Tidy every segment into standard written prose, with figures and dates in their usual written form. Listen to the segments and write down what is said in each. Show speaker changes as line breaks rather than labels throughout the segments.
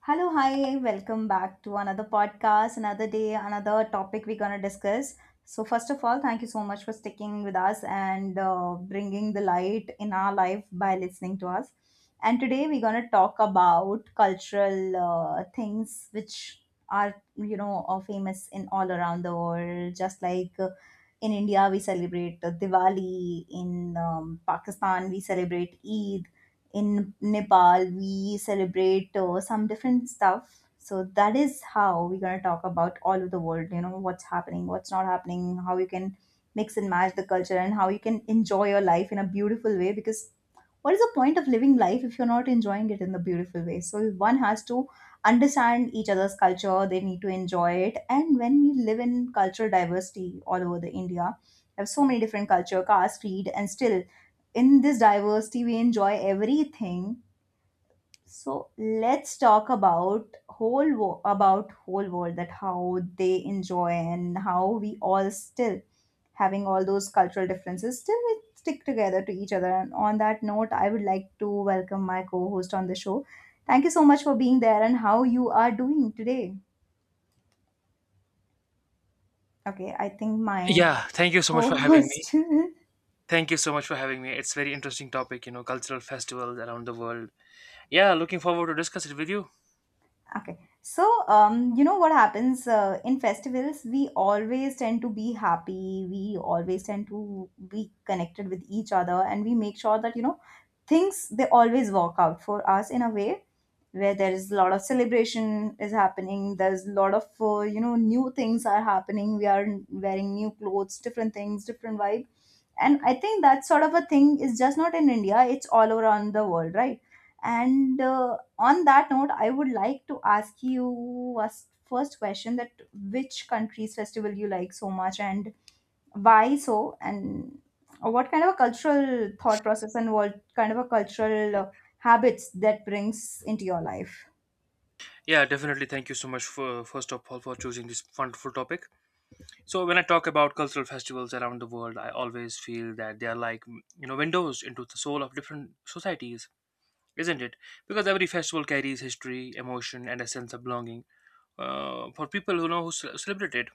Hello, hi, welcome back to another podcast, another day, another topic we're going to discuss. So, first of all, thank you so much for sticking with us and bringing the light in our life by listening to us. And today we're going to talk about cultural things which are, you know, are famous in all around the world. Just like in India, we celebrate Diwali, in Pakistan, we celebrate Eid in Nepal we celebrate some different stuff. So that is how we're gonna talk about all of the world. You know what's happening, what's not happening, how you can mix and match the culture, and how you can enjoy your life in a beautiful way. Because what is the point of living life if you're not enjoying it in the beautiful way so one has to understand each other's culture, they need to enjoy it, and when we live in cultural diversity all over the India we have so many different culture, caste, creed, and still in this diversity we enjoy everything. So let's talk about about whole world, that how they enjoy and how we all still having all those cultural differences still we stick together to each other. And on that note, I would like to welcome my co-host on the show. Thank you so much for being there, and how you are doing today. Okay, I think my
Yeah, thank you so much for having me.
co-host
Thank you so much for having me. It's very interesting topic, you know, cultural festivals around the world. Yeah, looking forward to discuss it with you.
Okay. So, you know what happens in festivals? We always tend to be happy. We always tend to be connected with each other, and we make sure that, you know, things they always work out for us in a way where there is a lot of celebration is happening. There's a lot of, you know, new things are happening. We are wearing new clothes, different things, different vibe, and I think that sort of a thing is just not in India, it's all around the world, right? And on that note I would like to ask you first question, that which country's festival you like so much, and why so, and what kind of a cultural thought process and what kind of a cultural habits that brings into your life.
Yeah, definitely. Thank you so much for first of all for choosing this wonderful topic. So when I talk about cultural festivals around the world, I always feel that they are like you know windows into the soul of different societies, isn't it? Because every festival carries history, emotion, and a sense of belonging for people who know who celebrate it.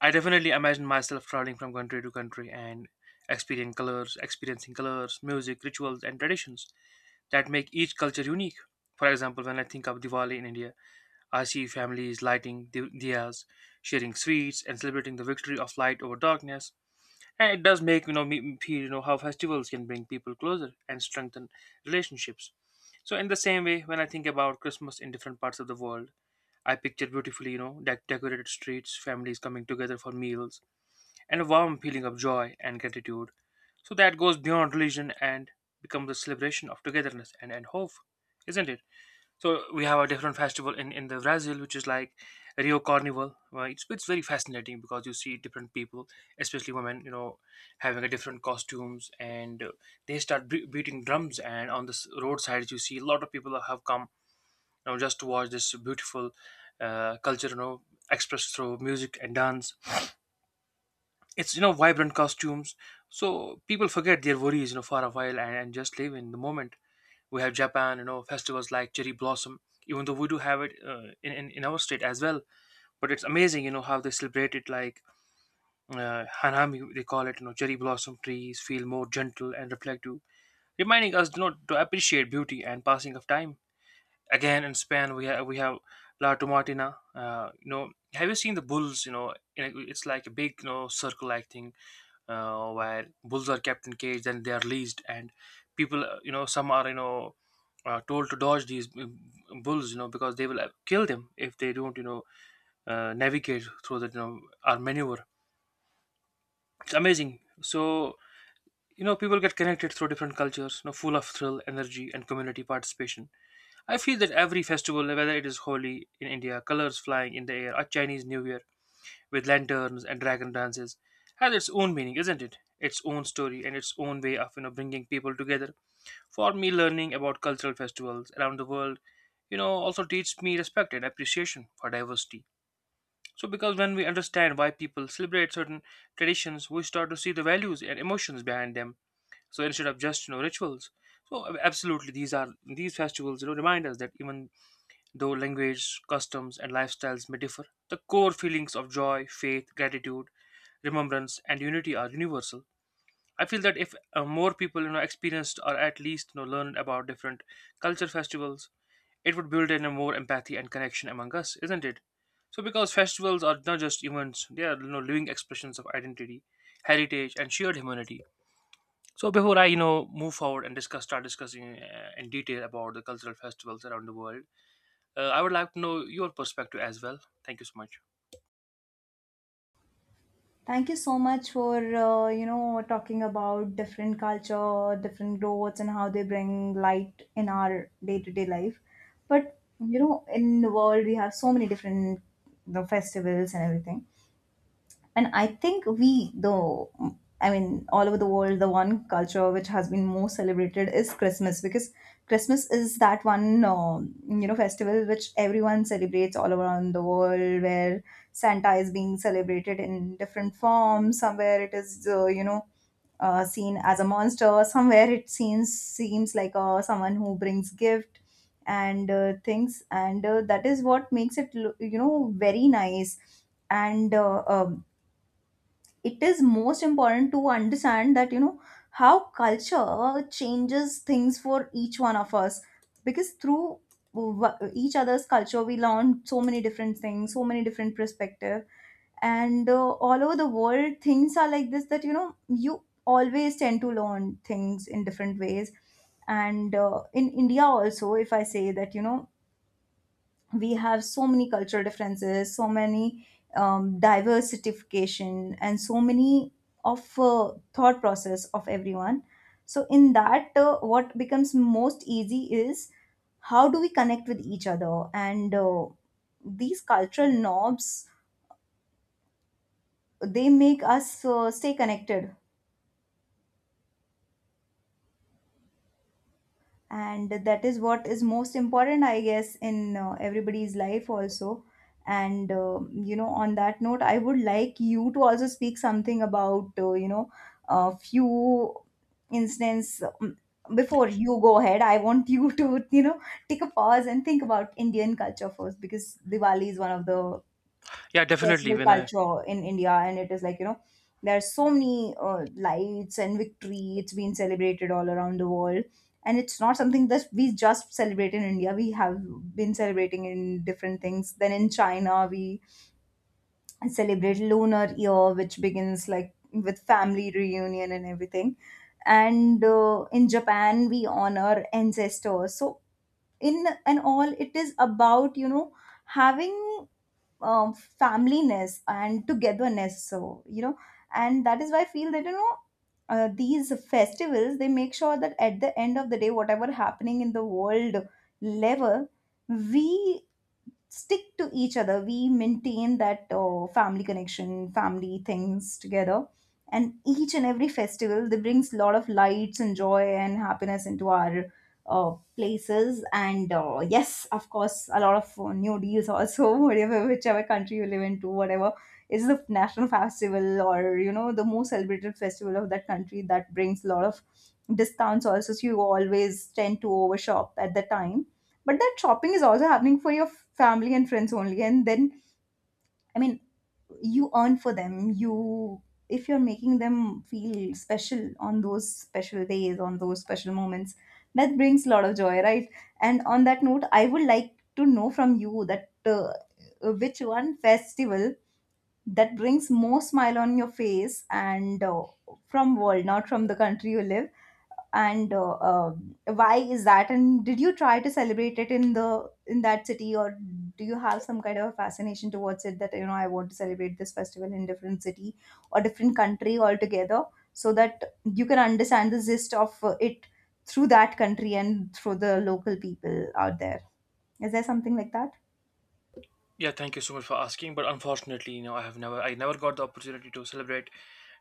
I definitely imagine myself traveling from country to country and experiencing colors, music, rituals, and traditions that make each culture unique. For example, when I think of Diwali in India, I see families lighting diyas, sharing sweets, and celebrating the victory of light over darkness. And it does make you know me feel you know how festivals can bring people closer and strengthen relationships. So in the same way, when I think about Christmas in different parts of the world, I picture beautifully you know decorated streets, families coming together for meals and a warm feeling of joy and gratitude. So that goes beyond religion and becomes a celebration of togetherness and hope, isn't it? So we have a different festival in the Brazil, which is like Rio Carnival. It's very fascinating because you see different people, especially women, you know, having a different costumes and they start beating drums. And on the roadside, you see a lot of people have come, you know, just to watch this beautiful culture, you know, expressed through music and dance. It's you know vibrant costumes, so people forget their worries you know for a while, and just live in the moment. We have Japan, you know, festivals like cherry blossom, even though we do have it in, in our state as well, but it's amazing you know how they celebrate it like hanami they call it, you know. Cherry blossom trees feel more gentle and reflective, reminding us you know to appreciate beauty and passing of time. Again, in Spain we have La Tomatina. You know, have you seen the bulls? You know, it's like a big you know circle-like thing where bulls are kept in cage, then they are released, and people you know some are you know told to dodge these bulls, you know, because they will kill them if they don't you know navigate through that, you know, or maneuver. It's amazing. So you know people get connected through different cultures, you know, full of thrill, energy, and community participation. I feel that every festival, whether it is Holi in India, colors flying in the air, or Chinese New Year with lanterns and dragon dances, has its own meaning, isn't it? Its own story and its own way of you know bringing people together. For me, learning about cultural festivals around the world, you know, also teaches me respect and appreciation for diversity. So, because when we understand why people celebrate certain traditions, we start to see the values and emotions behind them. So, instead of just you know rituals. So, absolutely, these are these festivals you know remind us that even though language, customs, and lifestyles may differ, the core feelings of joy, faith, gratitude, remembrance, and unity are universal. I feel that if more people you know, experienced or at least you know, learned about different culture festivals, it would build in a more empathy and connection among us, isn't it? So, because festivals are not just events, they are you know, living expressions of identity, heritage, and shared humanity. So, before I you know move forward and discuss start discussing in detail about the cultural festivals around the world, I would like to know your perspective as well. Thank you so much.
Thank you so much for you know talking about different culture, different growths, and how they bring light in our day-to-day life. But you know, in the world, we have so many different the festivals and everything. And I think we, though, I mean, all over the world, the one culture which has been most celebrated is Christmas, because Christmas is that one, you know, festival which everyone celebrates all around the world, where Santa is being celebrated in different forms. Somewhere it is, you know, seen as a monster. Somewhere it seems like someone who brings gift and things, and that is what makes it you know very nice. And it is most important to understand that you know how culture changes things for each one of us, because through each other's culture we learn so many different things, so many different perspective. And all over the world things are like this, that you know you always tend to learn things in different ways. And in India also, if I say that you know we have so many cultural differences, so many diversification, and so many of thought process of everyone. So in that, what becomes most easy is how do we connect with each other, and these cultural knobs, they make us stay connected, and that is what is most important I guess in everybody's life also. And you know, on that note I would like you to also speak something about you know a few instance. Before you go ahead I want you to you know take a pause and think about Indian culture first, because Diwali is one of the
Yeah, definitely.
festival
When I
culture in India, and it is like you know there are so many lights and victory. It's been celebrated all around the world, and it's not something that we just celebrate in India. We have been celebrating in different things. Then in China, we celebrate Lunar Year, which begins like with family reunion and everything. And in Japan, we honor ancestors. So in and all, it is about you know having um, familyness and togetherness, so you know, and that is why I feel that you know these festivals, they make sure that at the end of the day, whatever happening in the world level, we stick to each other, we maintain that family connection, family things together, and each and every festival they brings a lot of lights and joy and happiness into our places. And yes, of course, a lot of new deals also whatever, whichever country you live into, whatever is the national festival, or you know the most celebrated festival of that country, that brings a lot of discounts also, so you always tend to overshop at the time, but that shopping is also happening for your family and friends only. And then, I mean, you earn for them. You, if you're making them feel special on those special days, on those special moments, that brings a lot of joy, right? And on that note, I would like to know from you that which one festival that brings more smile on your face, and from world, not from the country you live. And why is that, and did you try to celebrate it in the in that city, or do you have some kind of a fascination towards it, that you know I want to celebrate this festival in different city or different country altogether, so that you can understand the gist of it through that country and through the local people out there. Is there something like that?
Yeah, thank you so much for asking. But unfortunately, you know, I never got the opportunity to celebrate,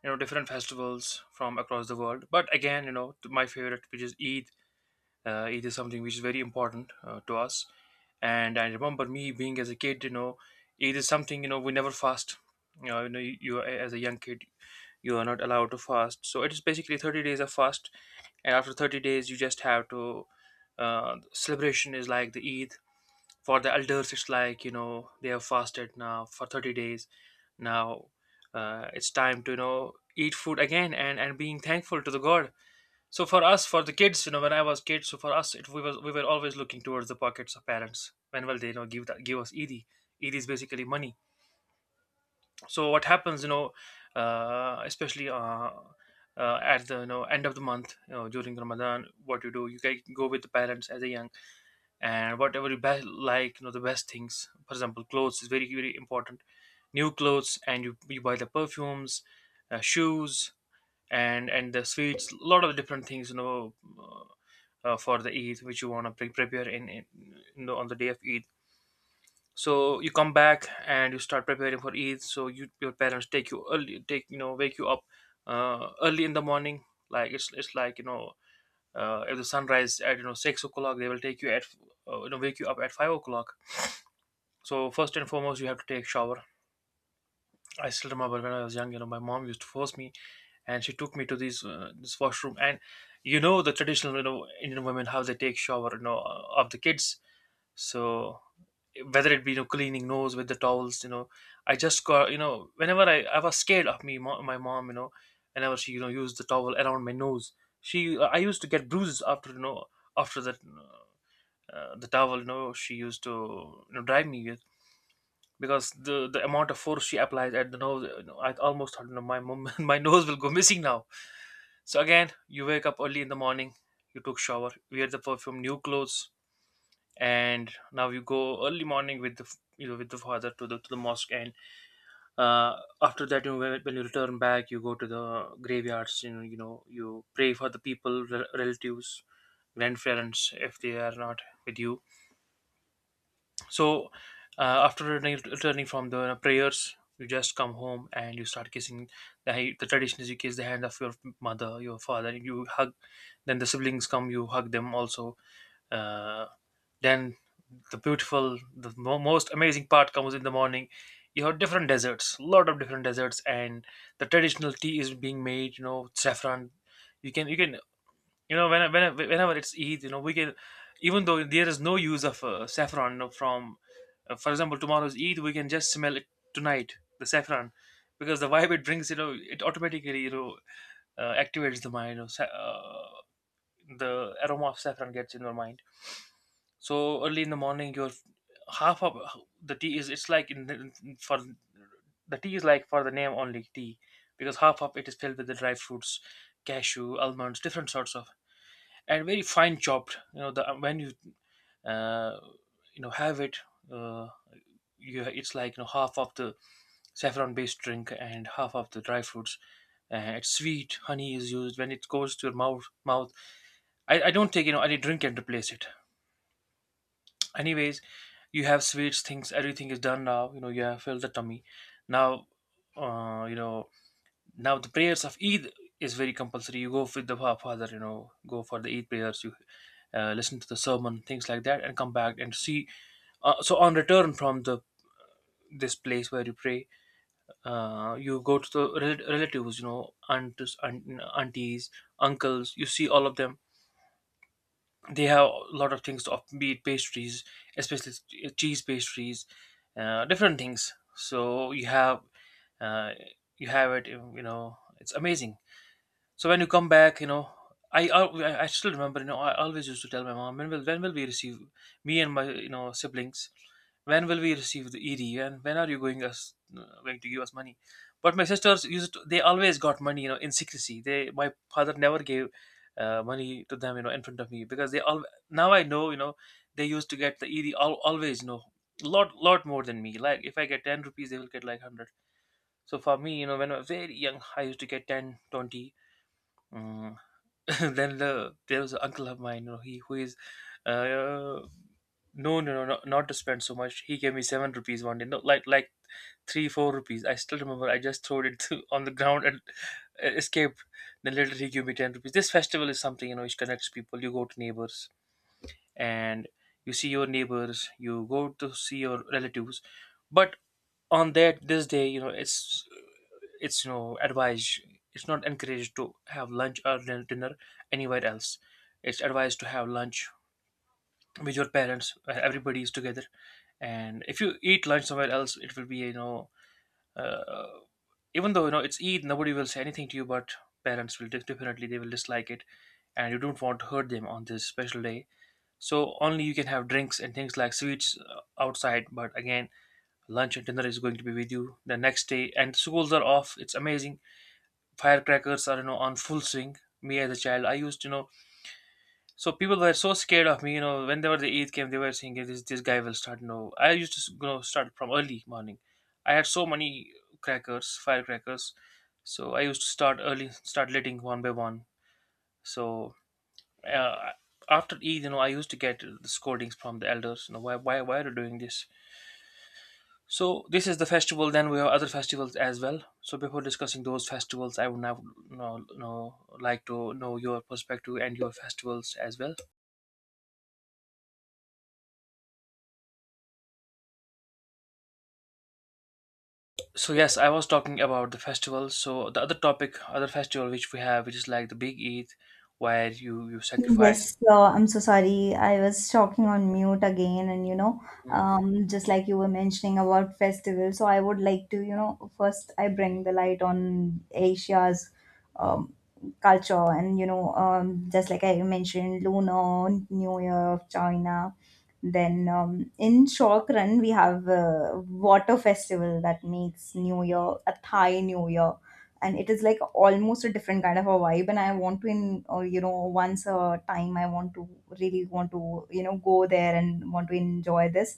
you know, different festivals from across the world. But again, you know, my favorite, which is Eid. Eid is something which is very important to us. And I remember me being as a kid, you know, Eid is something you know we never fast. You know, you as a young kid, you are not allowed to fast, so it is basically 30 days of fast, and after 30 days you just have to celebration is like the Eid. For the elders, it's like you know they have fasted now for 30 days. Now it's time to you know eat food again, and being thankful to the God. So for us, for the kids, you know, when I was kid, so for us it we was we were always looking towards the pockets of parents. When will they you know give us Eid? Eid is basically money. So what happens, you know, especially at the you know end of the month, you know, during Ramadan, what you do, you can go with the parents as a young, and whatever you like you know the best things, for example clothes is very very important. New clothes, and you buy the perfumes, shoes, and the sweets, a lot of different things, you know, for the Eid, which you want to prepare in you know, on the day of Eid. So you come back and you start preparing for Eid. So you your parents take you early, take you know wake you up early in the morning. Like it's like you know if the sunrise at you know 6 o'clock, they will take you at you know wake you up at 5 o'clock. So first and foremost, you have to take shower. I still remember when I was young, you know, my mom used to force me, and she took me to this this washroom. And you know the traditional you know Indian women how they take shower, you know, of the kids. So whether it be you know cleaning nose with the towels, you know, whenever I was scared of my mom, you know, whenever she you know used the towel around my nose, she I used to get bruises after you know after that the towel you know she used to you know drive me with, because the amount of force she applies at the nose, you know, I almost thought you know my mom my nose will go missing now. So again, you wake up early in the morning, you took shower, wear the perfume, new clothes, and now you go early morning with the you know with the father to the mosque and uh, after that you know, when you return back, you go to the graveyards, you know, you know you pray for the people, relatives, grandparents, if they are not with you. So uh, after returning from the prayers, you just come home and you start kissing the, the tradition is you kiss the hand of your mother, your father, you hug. Then the siblings come, you hug them also. uh, then the beautiful, the most amazing part comes in the morning. You have different desserts, lot of different desserts, and the traditional tea is being made, you know, saffron. You can you know whenever it's Eid, you know, we can, even though there is no use of saffron, you know, from for example tomorrow's Eid, we can just smell it tonight, the saffron, because the vibe it brings you know it automatically you know activates the mind, you know, the aroma of saffron gets in your mind. So early in the morning, you're half of the tea is it's like in for, the tea is like for the name only tea, because half of it is filled with the dry fruits, cashew, almonds, different sorts of, and very fine chopped. You know the when you uh, you know have it. Uh, it's like, you know, half of the saffron based drink and half of the dry fruits. It's sweet. Honey is used. When it goes to your mouth, I don't take, you know, any drink and replace it. Anyways, you have sweets, things, everything is done now, you know, you have filled the tummy now. uh, you know Now the prayers of eid is very compulsory. You go with the father, you know, go for the eid prayers. You listen to the sermon, things like that, and come back and see. So on return from the this place where you pray, you go to the relatives, you know, aunties, uncles, you see all of them. They have a lot of things to offer, be it pastries, especially cheese pastries, different things. So uh, you have it. You know, it's amazing. So when you come back, you know, I al- I still remember, you know, I always used to tell my mom, when will we receive, me and my, you know, siblings? When will we receive the ED? And when are you going to give us money? But my sisters used to, they always got money, you know, in secrecy. They, my father never gave money to them, you know, in front of me because they all, now I know, you know, they used to get the ED, always, you know, lot more than me. Like if I get 10 rupees, they will get like 100. So for me, you know, when I was very young, I used to get 10, 20. mm, then there was an uncle of mine, you know, he who is uh no no no no, not to spend so much. He gave me 7 rupees one day, no, like 3, 4 rupees. I still remember. I just threw it to, on the ground and escaped. Then later he gave me 10 rupees. This festival is something, you know, which connects people. You go to neighbors and you see your neighbors. You go to see your relatives, but on that this day, you know, it's you know advised, it's not encouraged to have lunch or dinner anywhere else. It's advised to have lunch with your parents where everybody is together. And if you eat lunch somewhere else, it will be, you know, uh, even though, you know, it's Eid, nobody will say anything to you, but parents will definitely, they will dislike it, and you don't want to hurt them on this special day. So only you can have drinks and things like sweets outside, but again lunch and dinner is going to be with you. The next day and schools are off, it's amazing. Firecrackers are, you know, on full swing. Me as a child, I used, you know, so people were so scared of me, you know, whenever the eid came, they were saying, "Hey, this guy will start," you know. I used to you know start from early morning. I had so many crackers, firecrackers. So I used to start early, start lighting one by one. So uh, after eid, you know, I used to get the scoldings from the elders, you know, why are you doing this? So this is the festival. Then we have other festivals as well. So before discussing those festivals, I would now know like to know your perspective and your festivals as well. So yes, I was talking about the festivals. So the other topic, other festival which we have, which is like the Big Eid, where you sacrifice.
Yes, I'm so sorry. I was talking on mute again, and you know,
Mm.
just like you were mentioning about festivals, so I would like to, you know, first I bring the light on Asia's um, culture, and you know, just like I mentioned, Lunar New Year of China. Then in short run, we have water festival that makes New Year, a Thai New Year, and it is like almost a different kind of a vibe, and I want to in you know once a time I want to really want to you know go there and want to enjoy this.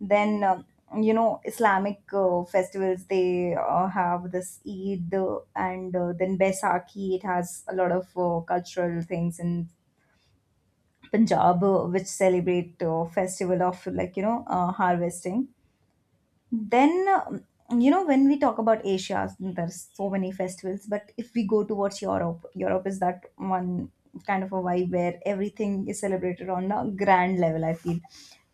Then you know Islamic festivals, they have this Eid and then Baisakhi, it has a lot of cultural things in Punjab, which celebrate festival of like you know harvesting. Then, you know, when we talk about Asia, there's so many festivals. But if we go towards Europe, Europe is that one kind of a vibe where everything is celebrated on a grand level, I feel.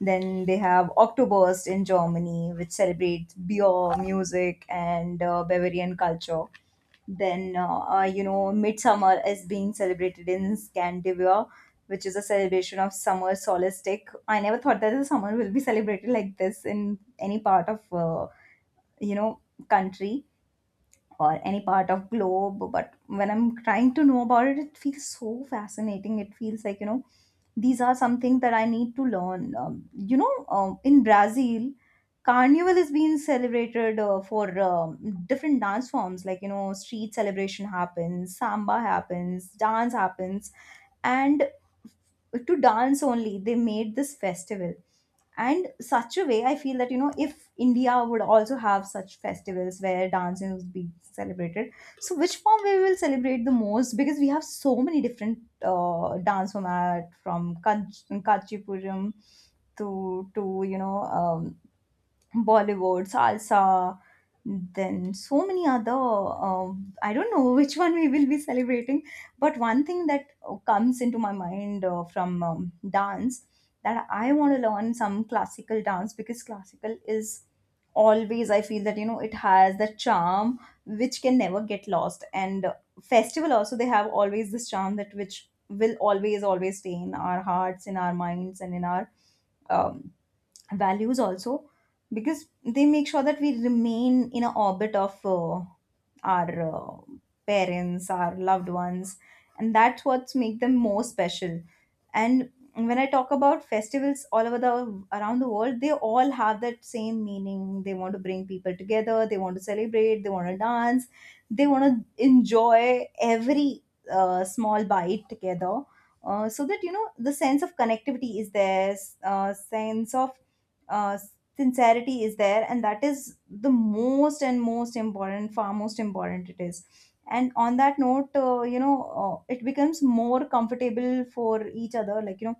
Then they have Oktoberfest in Germany, which celebrates beer, music, and Bavarian culture. Then, you know, midsummer is being celebrated in Scandinavia, which is a celebration of summer solstice. I never thought that the summer will be celebrated like this in any part of, you know, country or any part of globe, but when I'm trying to know about it, it feels so fascinating, it feels like you know these are something that I need to learn. You know, in Brazil, Carnival is being celebrated for different dance forms, like you know street celebration happens, samba happens, dance happens, and to dance only they made this festival. And such a way I feel that you know if India would also have such festivals where dancing would be celebrated, so which form we will celebrate the most, because we have so many different dance format, from Kachipuram to you know, um, Bollywood, salsa, then so many other. I don't know which one we will be celebrating, but one thing that comes into my mind from dance, that I want to learn some classical dance, because classical is always, I feel that you know it has the charm which can never get lost. And Festival also, they have always this charm that which will always always stay in our hearts, in our minds, and in our um, values also, because they make sure that we remain in an orbit of our uh, parents, our loved ones, and that's what's make them more special. And when I talk about festivals all over the around the world, they all have that same meaning. They want to bring people together, they want to celebrate, they want to dance, they want to enjoy every small bite together, so that the sense of connectivity is there, sense of uh, sincerity is there, and that is the most and most important, far most important it is. And on that note, it becomes more comfortable for each other, like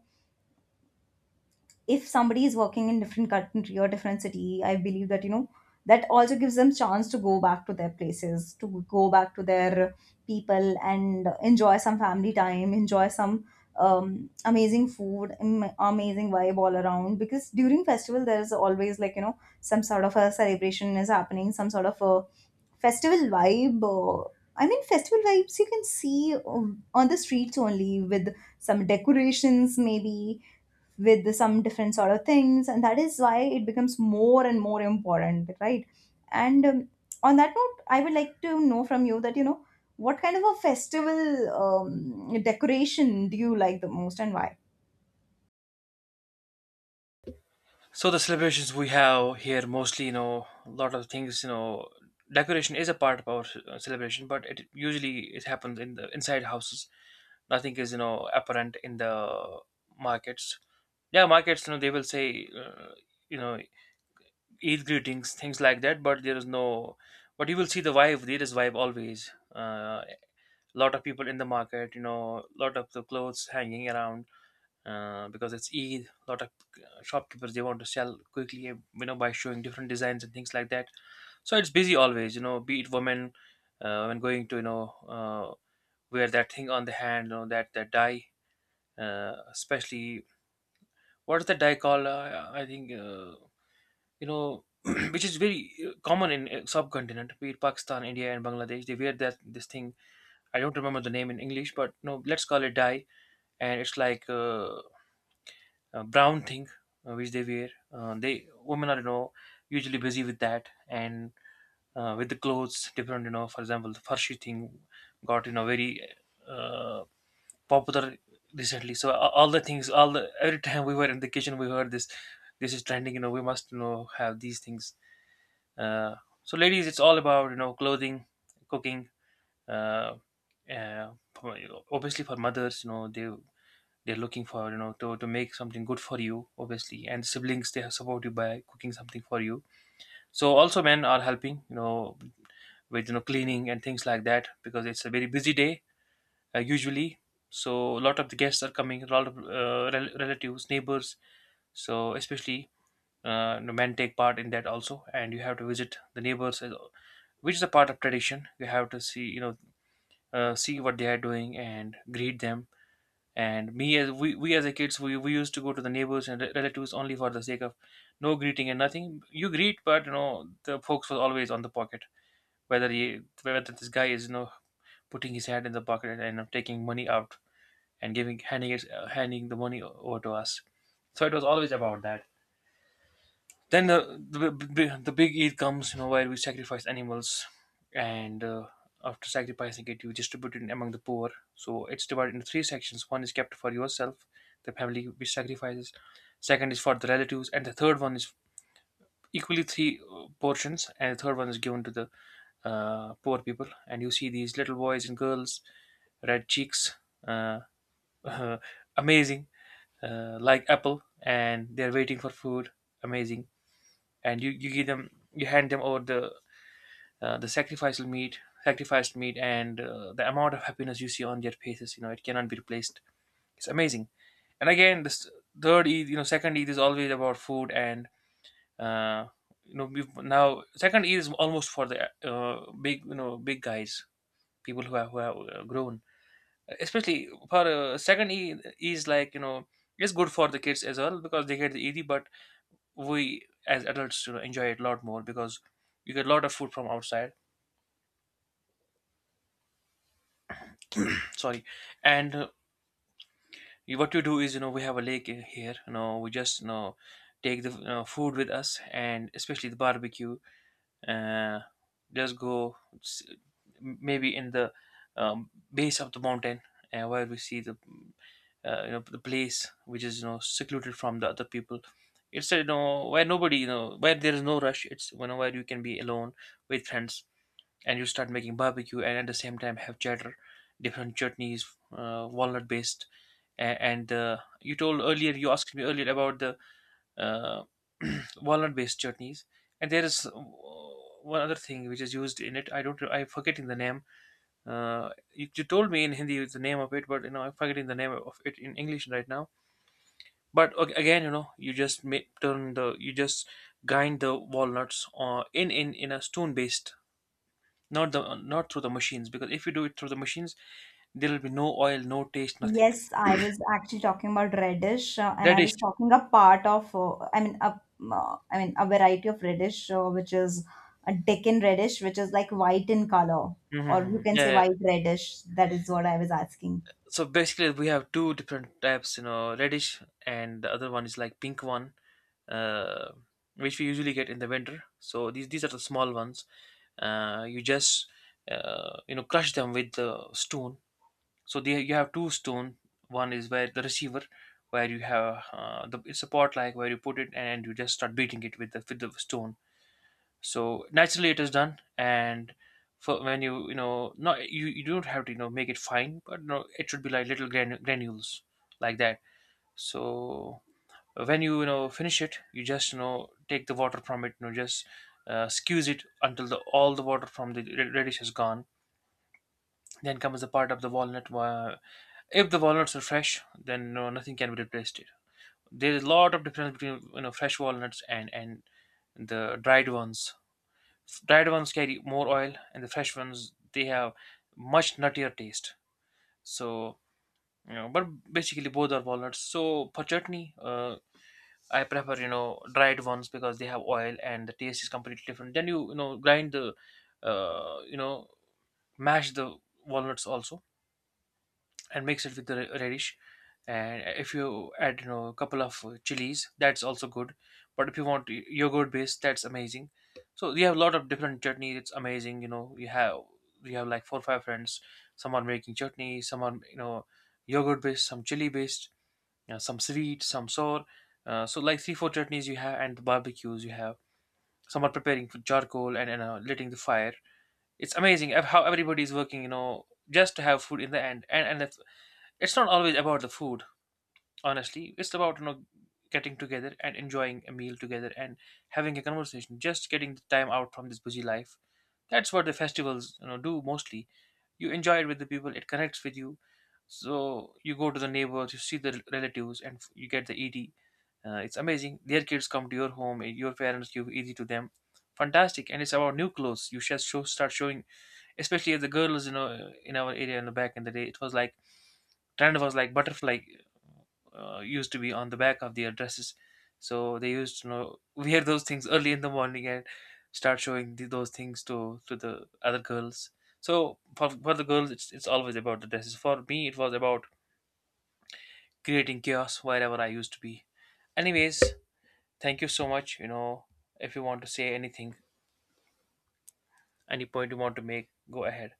if somebody is working in different country or different city, I believe that that also gives them chance to go back to their places, to go back to their people and enjoy some family time, enjoy some amazing food, amazing vibe all around, because during festival there is always, like you know, some sort of a celebration is happening, some sort of a festival vibe. I mean, festival vibes you can see on the streets only with some decorations, maybe with some different sort of things, and that is why it becomes more and more important, right? And on that note, I would like to know from you that what kind of a festival decoration do you like the most and why?
So the celebrations we have here mostly, you know, a lot of things, you know, decoration is a part of our celebration, but it usually it happens in the inside houses, nothing is, you know, apparent in the markets. Yeah, markets, you know, they will say, you know eid greetings, things like that, but there is no, but you will see the vibe. There is vibe always, lot of people in the market, you know, lot of the clothes hanging around. Because it's eid, lot of shopkeepers, they want to sell quickly, you know, by showing different designs and things like that. So it's busy always, you know, be it women, when going to, you know, wear that thing on the hand, you know, that dye especially. What is the dye called? I think, you know, which is very common in subcontinent, be it Pakistan, India, and Bangladesh. They wear that this thing. I don't remember the name in English, but no, let's call it dye. And it's like a brown thing which they wear. They women are, you know, usually busy with that. And with the clothes different. You know, for example, the farshi thing got, you know, very Uh, popular recently. So all the things, all the every time we were in the kitchen, we heard this. This is trending. You know, we must, you know, have these things. Uh, so ladies, it's all about, you know, clothing, cooking. Uh, uh, for- Obviously for mothers, you know, they're looking for, you know, to make something good for you obviously. And siblings, they support you by cooking something for you. So also men are helping, you know, with, you know, cleaning and things like that, because it's a very busy day usually. So a lot of the guests are coming, a lot of relatives, neighbors. So especially the men take part in that also, and you have to visit the neighbors, which is a part of tradition. You have to see, you know, see what they are doing and greet them. And we as a kids, we used to go to the neighbors and relatives only for the sake of, no, greeting and nothing. You greet, but you know the folks were always on the pocket. Whether this guy is, you know, putting his hand in the pocket and, you know, taking money out and handing the money over to us. So it was always about that. Then the big Eid comes, you know, where we sacrifice animals, and after sacrificing it, you distribute it among the poor. So it's divided into three sections. One is kept for yourself, the family which sacrifices. Second is for the relatives, and the third one is equally three portions, and the third one is given to the poor people. And you see these little boys and girls, red cheeks, uh, amazing, like apple, and they're waiting for food. Amazing. And you give them, you hand them over the sacrificial meat sacrificed meat, and the amount of happiness you see on their faces, you know, it cannot be replaced. It's amazing. And again, this third eid, you know, second eid is always about food. And uh, you know we've now second eid is almost for the big, you know, big guys, people who have grown. Especially for second eid is like, you know, it's good for the kids as well because they get the eid, but we as adults, you know, enjoy it a lot more because you get a lot of food from outside. Sorry. And what you do is, you know, we have a lake in here, you know, we just, you know, take the food with us, and especially the barbecue. uh, just go maybe in the base of the mountain, where we see the you know the place which is, you know, secluded from the other people. It's, you know, where nobody, you know, where there is no rush. It's, you know, where you can be alone with friends. And you start making barbecue, and at the same time have cheddar, different chutneys, walnut based. And you told earlier, you asked me earlier about the uh, walnut based chutneys, and there is one other thing which is used in it. I don't i'm forgetting the name. You told me in hindi the name of it, but, you know, I'm forgetting the name of it in english right now. But again, you know, you just grind the walnuts in a stone based, not the, not through the machines, because if you do it through the machines, there will be no oil, no taste, nothing.
Yes, I was actually talking about radish, and I was
Radish.
talking a part of, I mean, a variety of radish, which is a Deccan radish, which is like white in color, or you
Hmm,
can
yeah,
say
yeah.
white radish. That is what I was asking.
So basically we have two different types, you know, radish, and the other one is like pink one, uh, which we usually get in the winter. So these are the small ones. uh, you just you know, crush them with the stone. So they, you have two stone. One is where the receiver, where you have the it's a pot like where you put it, and you just start beating it with the stone. So naturally it is done. And for when you know, not you, you don't have to, you know, make it fine, but no, it should be like little granules, like that. So when you know, finish it, you just, you know, take the water from it, you know, just squeeze it until the all the water from the radish is gone. Then comes the part of the walnut. If the walnuts are fresh, then no, nothing can be replaced it. There is a lot of difference between, you know, fresh walnuts and the dried ones. Dried ones carry more oil, and the fresh ones, they have much nuttier taste. So, you know, but basically both are walnuts. So for chutney, I prefer, you know, dried ones because they have oil and the taste is completely different. Then you know, grind the you know mash the walnuts also, and mix it with the radish. And if you add, you know, a couple of chilies, that's also good. But if you want yogurt based, that's amazing. So you have a lot of different chutney. It's amazing. You know, you have like four or five friends. Some are making chutney. Some are, you know, yogurt based. Some chili based. You know, some sweet, some sour. So like 3, 4 chutneys you have, and the barbecues you have. Some are preparing for charcoal, and, lighting the fire. It's amazing, how everybody is working, you know, just to have food in the end. And it's not always about the food, honestly. It's about, you know, getting together and enjoying a meal together and having a conversation, just getting the time out from this busy life. That's what the festivals, you know, do mostly. You enjoy it with the people, it connects with you. So you go to the neighbors, you see the relatives, and you get the ED. It's amazing. Their kids come to your home, and your parents give ED to them. Fantastic. And it's about new clothes. You just start showing, especially as the girls, you know, in our area, in the back in the day, it was like trend was like butterfly used to be on the back of their dresses. So they used to know wear those things early in the morning, and start showing those things to the other girls. So for the girls, it's always about the dresses. For me, it was about creating chaos wherever I used to be. Anyways, thank you so much. You know, if you want to say anything, any point you want to make, go ahead.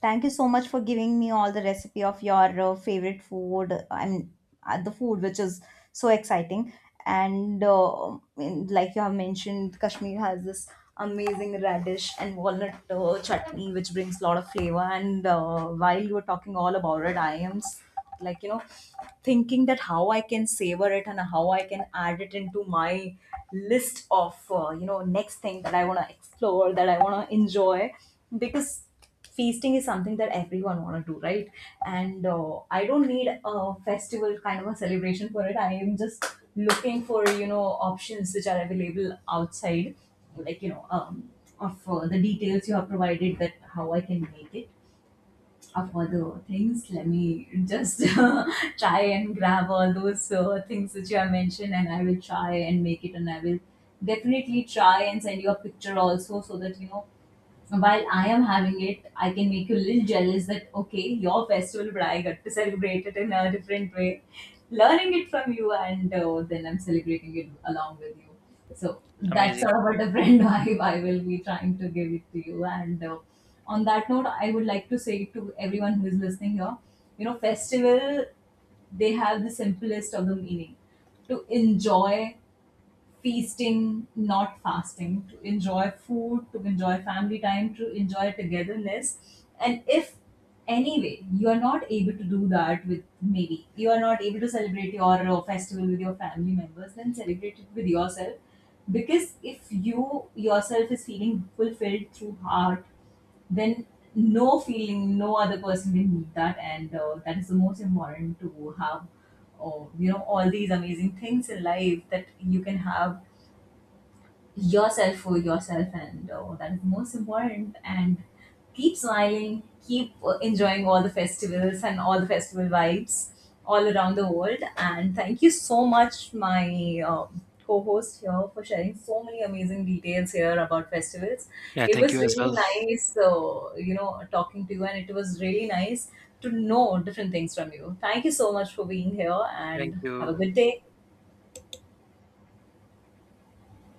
Thank you so much for giving me all the recipe of your favorite food. And the food which is so exciting. And like you have mentioned, Kashmir has this amazing radish and walnut chutney, which brings a lot of flavor. And while you were talking all about it, I am like thinking that how I can savor it and how I can add it into my list of next thing that I want to explore, that I want to enjoy, because feasting is something that everyone want to do, right? And I don't need a festival kind of a celebration for it. I am just looking for options which are available outside, like of the details you have provided, that how I can make it, of other things. Let me just try and grab all those things which you have mentioned, and I will try and make it, and I will definitely try and send you a picture also, so that so while I am having it, I can make you a little jealous that, okay, your festival, but I got to celebrate it in a different way, learning it from you, and then I'm celebrating it along with you. So that's
Amazing.
sort of a different vibe I will be trying to give it to you. And on that note, I would like to say to everyone who is listening here, festival, they have the simplest of the meaning, to enjoy feasting, not fasting, to enjoy food, to enjoy family time, to enjoy togetherness. And if anyway you are not able to do that, with, maybe you are not able to celebrate your festival with your family members, then celebrate it with yourself. Because if you yourself is feeling fulfilled through heart, then no feeling, no other person will need that, and that is the most important to have. Or all these amazing things in life that you can have yourself for yourself, and oh, that is most important. And keep smiling, keep enjoying all the festivals and all the festival vibes all around the world. And thank you so much, my co-host here, for sharing so many amazing details here about festivals.
Yeah,
It
thank
was
you as
really
well.
nice, talking to you, and it was really nice to know different things from you. Thank you so much for being here,
Thank
and have a
you.
good day.